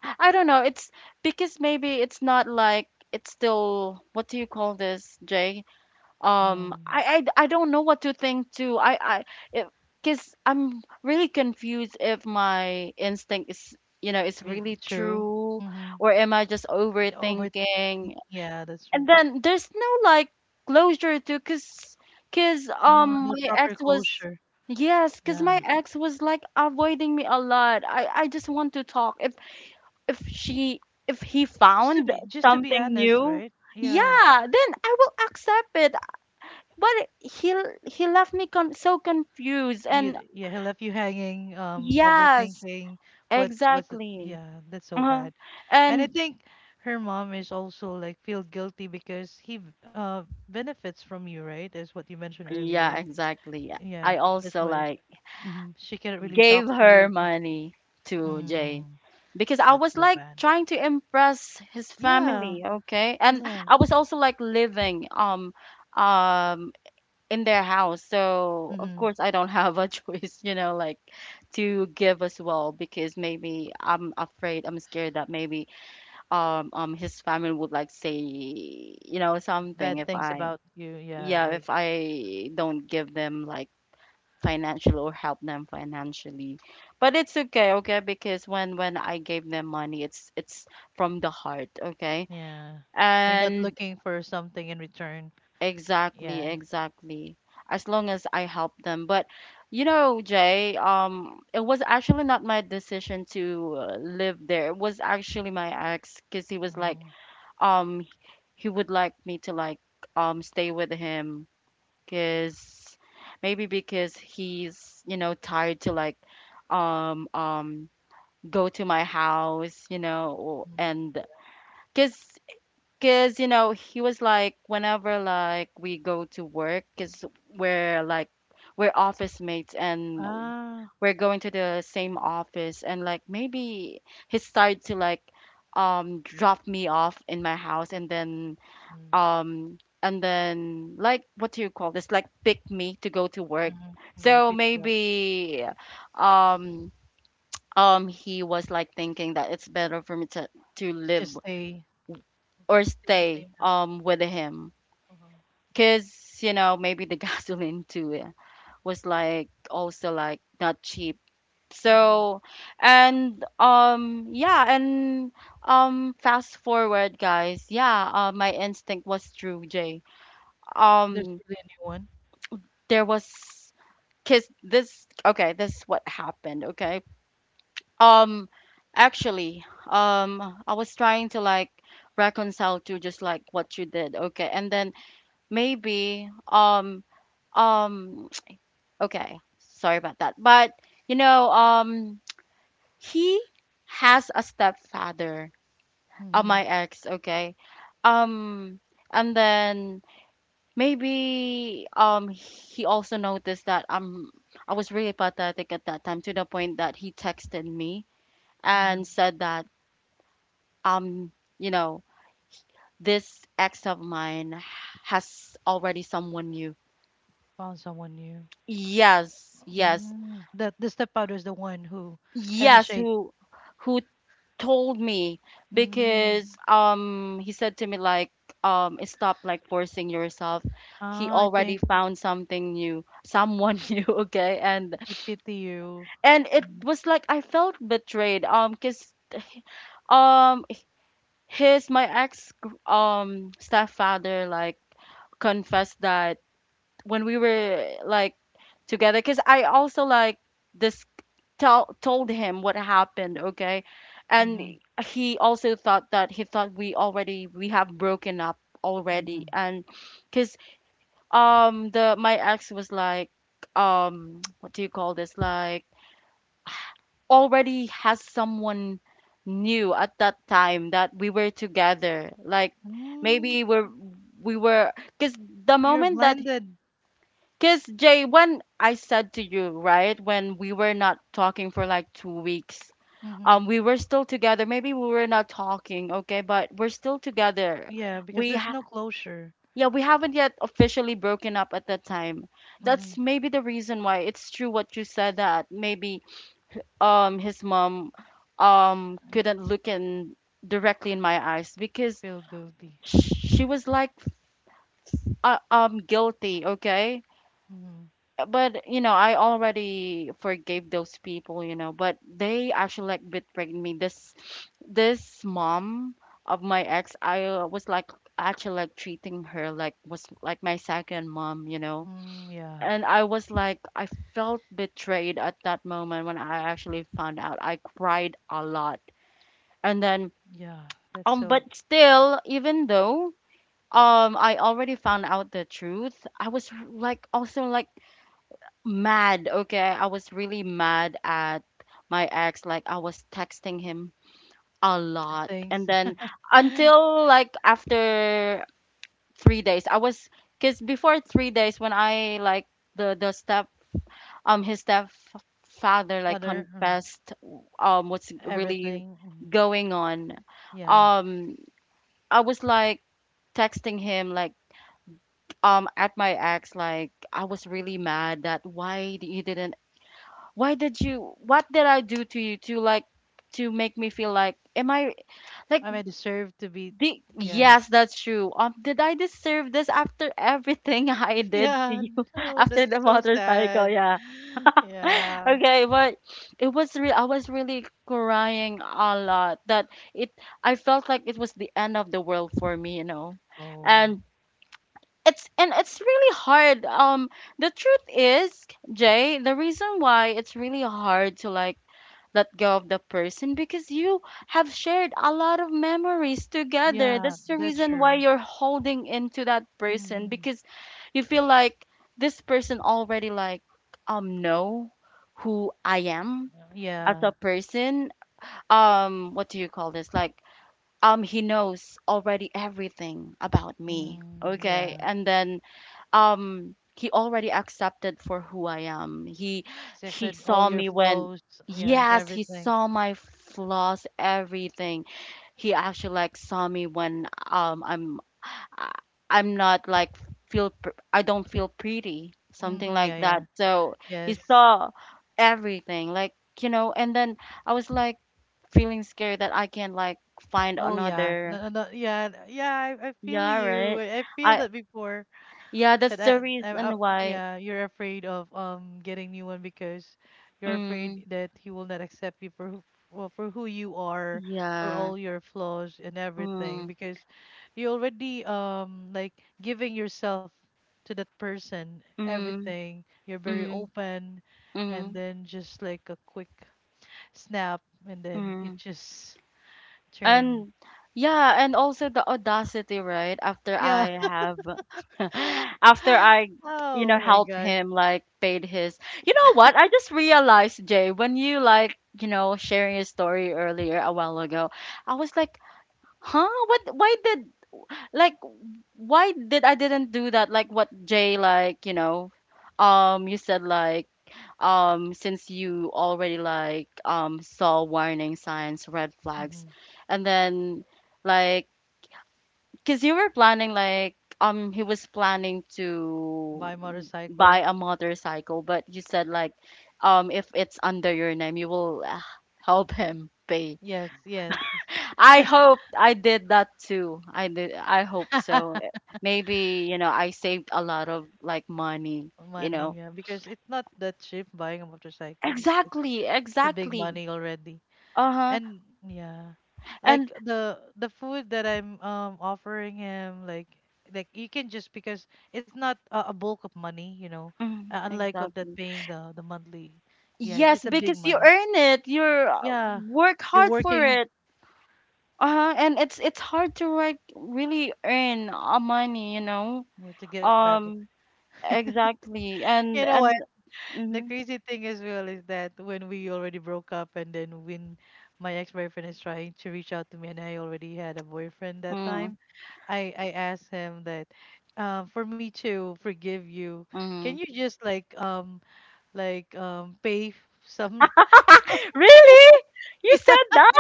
I don't know. It's because maybe it's not like, it's still, what do you call this, Jay?
um
I don't know what to think too I Because I'm really confused if my instinct is, you know, is
really
really
true.
true,
Mm-hmm.
or am I just
over
overthinking.
Yeah, that's
And
true.
then there's no like closure to, because
No
my
proper
ex was.
closure.
Yes, because my
Yeah,
ex was like avoiding me a lot. I just want to talk, if she if he
just to
found
be just to be
something
honest,
new.
right? Yeah.
Yeah, then I will accept it, but he he left me, con so confused,
you
and
Yeah, he left you hanging,
yes,
overthinking. What was it?
exactly.
Yeah, that's so
Uh-huh.
bad. And I
And
think her mom is also like feel guilty because he benefits from you, right, as what you mentioned
yeah,
earlier.
exactly.
Yeah,
I
that's
also
why.
like
Mhm. She cannot really
gave
talk to
her
you.
money to Jay,
Mm,
because I
that's
was
so
like
bad.
trying to impress his
Yeah,
family, okay? And
yeah.
I was also like living um in their house. So, of
Hmm.
course, I don't have a choice, you know, like, to give as well, because maybe I'm afraid, I'm scared that maybe his family would like say, you know, something
Bad
if
things
I,
about you. Yeah,
yeah,
like,
if I don't give them like financial or help them financially. But it's okay, okay, because when I gave them money, it's from the heart, okay.
yeah. You're not
And
looking for something in return. Yes.
exactly, exactly. As long as I help them. But you know, Jay, it was actually not my decision to, live there. It was actually my ex, because he was like,
Mm.
um he would like me to like stay with him, because maybe because he's, you know, tired to like um um go to my house, you know,
Mm.
and because, you know, he was like, whenever like we go to work, because we're like, we're office mates, and
Ah.
we're going to the same office, and like maybe he started to like drop me off in my house, and then
Mm-hmm.
like, what do you call this, like, pick me to go to work.
Mm-hmm, yeah,
So
pitch you up.
maybe um he was like thinking that it's better for me to live,
Just stay. Mhm.
or
Stay in the
stay
same house.
with him,
Uh-huh.
because you know, maybe the gasoline too, yeah, was like also like not cheap.
Hmm.
So, and yeah, and fast forward, guys, yeah, my instinct was true, Jay.
There's
um
really a new one.
there was, because this, okay, this is what happened, okay. um Actually, I was trying to like reconcile to just like what you did, okay, and then maybe um okay, sorry about that, but you know, he has a stepfather,
Mm-hmm.
my ex, okay. um and then, maybe he also noticed that I was really pathetic at that time, to the point that he texted me and
Mm-hmm.
said that um you know, this ex of mine has already someone new.
Found someone new.
Yes, yes.
Mm. That the stepfather is the one who, and the.
Yes, who told me,
Mm.
because he said to me like, stop like forcing yourself, he
Ah, I
already
think
found something new, someone new, okay. and
I pity you.
and it
Mm-hmm.
was like I felt betrayed, because um his, my ex stepfather like confessed that when we were like together, because I also like this tell told him what happened, okay. And
Mm-hmm.
he also thought that he thought we already we have broken up already.
Mm-hmm.
And because the my ex was like what do you call this, like, already has someone new at that time that we were together. Like,
Mm.
maybe we were, because the
You're
moment that,
blinded.
because, Jay, when I said to you, right, when we were not talking for like 2 weeks,
Mm-hmm.
we were still together. Maybe we were not talking, okay, but we're still together.
Yeah, because
We
there's
ha-
no closure.
yeah, we haven't yet officially broken up at that time.
Mm-hmm.
That's maybe the reason why it's true what you said, that maybe his mom
I
couldn't look in directly in my eyes, because
feel guilty.
she was like, guilty, okay.
Mm-hmm.
But you know, I already forgave those people, you know, but they actually like betrayed me. This mom of my ex, I, was like actually like treating her like, was like my second mom, you know.
Mm, yeah,
And I was like, I felt betrayed at that moment when I actually found out. I cried a lot, and then,
yeah. That's
um,
so.
but still, even though I already found out the truth, I was like also like mad, okay? I was really mad at my ex, like I was texting him a lot.
Thanks,
And then, until like after 3 days, I was, because before 3 days, when I like the step his stepfather like
Father. Mm,
confessed what's really
everything. Mm-hmm.
going on.
Yeah.
Um I was like texting him, like, at my ex, like I was really mad that, why you didn't, why did you, what did I do to you to like, to make me feel like am I like
I may deserve to be.
the
Yeah.
yes, that's true, did I deserve this after everything I did
Yeah.
to you?
No,
After
that's
the
so
motorcycle,
sad.
yeah.
Yeah.
Okay, but it was real, I was really crying a lot, that it I felt like it was the end of the world for me, you know.
Oh.
And it's and it's really hard, the truth is, Jay, the reason why it's really hard to like let go of the person, because you have shared a lot of memories together.
Yeah,
That's the
that's
reason why
true.
you're holding into that person,
Mm,
because you feel like this person already like know who I am as
yeah.
a person, what do you call this, like, he knows already everything about me,
Mm,
okay,
yeah.
and then he already accepted for who I am. He
Affected all
saw
your
me when,
flows. Yes,
yes, he
everything.
saw my flaws, everything. He actually like saw me when I'm, I- I'm not like feel I don't feel pretty, something
Mm-hmm, yeah,
like that.
yeah.
So he
Yes.
saw everything, like, you know, and then I was like feeling scared that I can like find
Oh, yeah.
another,
No, no, no, yeah, yeah. I feel
yeah,
you.
right?
I feel
I
that before.
Yeah,
That
that's
I,
the
I'm
reason why.
Yeah, you're afraid of getting new one, because you're
Mm,
afraid that he will not accept you for who, well, for who you are, for
yeah.
all your flaws and everything,
Mm.
because you already like giving yourself to that person,
Mm.
everything. You're very
Mm.
open. And
Mm.
then just like a quick snap and then it
Mm.
just turn.
And yeah, and also the audacity, right? After
Yeah.
I have, after I, you
Oh
know,
my
helped
god.
him like paid his. You know what? I just realized, Jay, when you like, you know, sharing your story earlier a while ago, I was like, huh? What? Why did? Like, why did I didn't do that, like, what, Jay, like, you know, you said like, since you already like saw warning signs, red flags,
Hmm.
and then like, because you were planning like, he was planning
By
to
motorcycle.
buy a motorcycle, but you said like, if it's under your name, you will, help him pay.
Yes, yes.
I hope I did that too. I did. I hope so. Maybe, you know, I saved a lot of like money, you
Money,
know.
yeah, because it's not that cheap buying a motorcycle. It's
Exactly,
a big
exactly.
money already.
Uh-huh.
And yeah. Like
And
the food that I'm offering him, like you can just, because it's not a bulk of money,
mm,
unlike of that
exactly.
paying the monthly. Yeah, it,
Yes,
it's a big
because you
money.
earn it. You're,
Yeah.
work
You're
hard for
working,
it. Uh-huh. And it's hard to like really earn, money, you know.
yeah, to get back.
Um, exactly.
You
And
know what?
and
The
mm-hmm.
crazy thing as well is that when we already broke up and then when my ex-boyfriend is trying to reach out to me and I already had a boyfriend that
Mm,
time, I asked him that, for me to forgive you, can
mm.
you just like like um pay f- some.
Really? You
Yeah,
said that?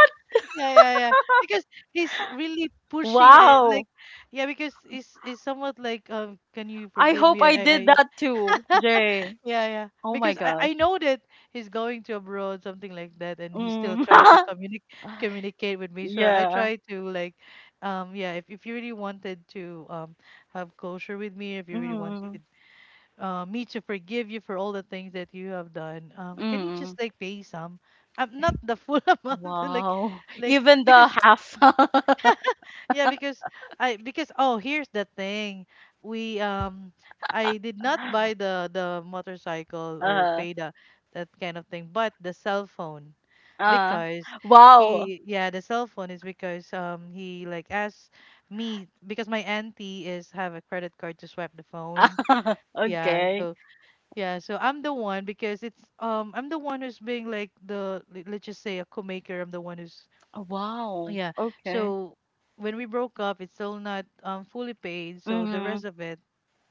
yeah, yeah, yeah, because he's really pushy,
Wow.
yeah, because he's somewhat like, can you
I
forgive me?
hope I
I
did that too, Jay.
Yeah, yeah.
Oh my
Because I
gosh.
know that he's going to abroad, something like that, and he still
Mm.
tried to communicate with me. So I
Yeah.
try to like, yeah, if you really wanted to have closure with me, if you really wanted
Mm.
me to forgive you for all the things that you have done, can you
Mm.
just like pay some, not the full amount, like,
Wow.
like
Even the
because,
half.
yeah, because I because oh, here's the thing. We I did not buy the motorcycle or
uh,
pay the that kind of thing, but the cell phone.
uh.
Because
Wow.
he Yeah, the cell phone is because he like asked me because my auntie is have a credit card to swipe the phone. Yeah,
Okay.
so yeah, so I'm the one because it's I'm the one who's being like let's just say a co-maker. I'm the one who's.
Wow.
Yeah.
Okay.
So when we broke up, it's still not fully paid. So the
Mm-hmm.
rest of it,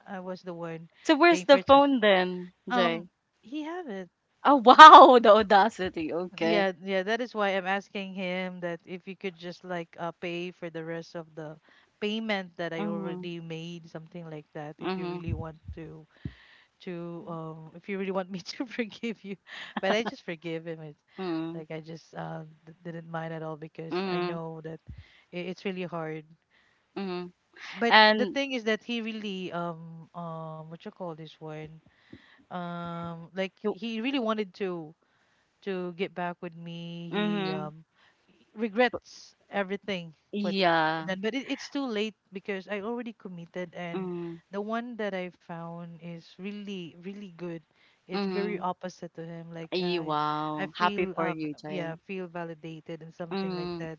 I was the one
So
paying
where's
for
the
it. So,
phone then,
Um,
Jay?
he have it.
Oh wow, the audacity. Okay.
Yeah, yeah. That is why I'm asking him that if you could just like, pay for the rest of the payment that I
Mm-hmm.
already made, something like that. If you
Mm-hmm.
really want to If you really want me to forgive you. But I just forgive him. It's
Mm-hmm.
like I just didn't mind at all, because I
Mm-hmm.
know that it's really hard,
Mm-hmm.
but the
And
thing is that he really what you call this one, like
you.
he really wanted to get back with me. He
Mm-hmm.
regrets everything what he
Yeah.
done, but it's too late because I already committed, and
Mm,
the one that I found is really really good. It's very
mhm.
opposite to him, like
Ay,
I
wow. Happy
feel,
for you,
yeah,
Jay.
feel validated and something like
Mm,
that.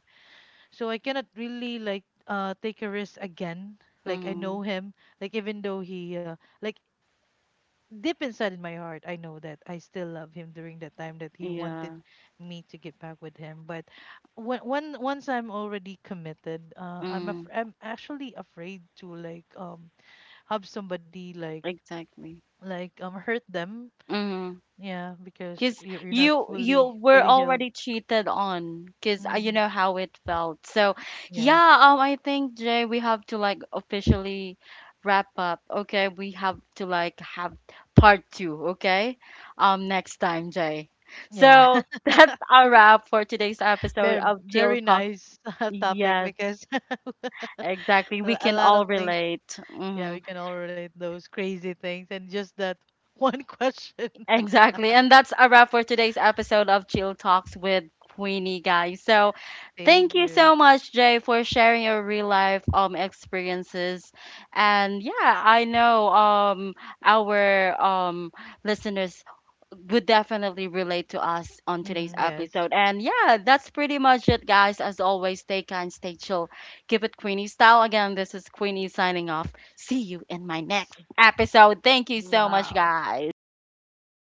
So I cannot really like take a risk again. Like I
mhm.
know him, like even though he, like deep inside in my heart, I know that I still love him during that time that he wanted
Yeah.
me to get back with him. But when once I'm already committed,
Mm,
I'm actually afraid to like have somebody like,
exactly.
hurt them.
Mm.
Yeah, because
Cause
you're not
you
fully
were
fully healed.
already cheated on, 'cause, you
Hmm.
know how it felt. So,
Yes.
yeah, I think, Jay, we have to like officially wrap up. Okay, we have to like have part 2, okay? Next time, Jay.
Yeah.
So, that's our wrap for today's episode
Very,
of Chill
very
Talk.
nice topic,
Yes.
because
Exactly. We
a
can
lot of
all
things.
relate.
Yeah,
Hmm.
we can all relate those crazy things and just that one question.
Exactly. And that's a wrap for today's episode of Chill Talks with Queenie, guys. So,
Thank
thank you
you.
so much, Jay, for sharing your real life experiences. And yeah, I know, our listeners would definitely relate to us on today's
Hmm, yes.
episode. And yeah, that's pretty much it, guys. As always, stay kind, stay chill, keep it Queenie style. Again, this is Queenie signing off. See you in my
S-
next episode. Thank you so much,
Wow.
guys.
Thank you.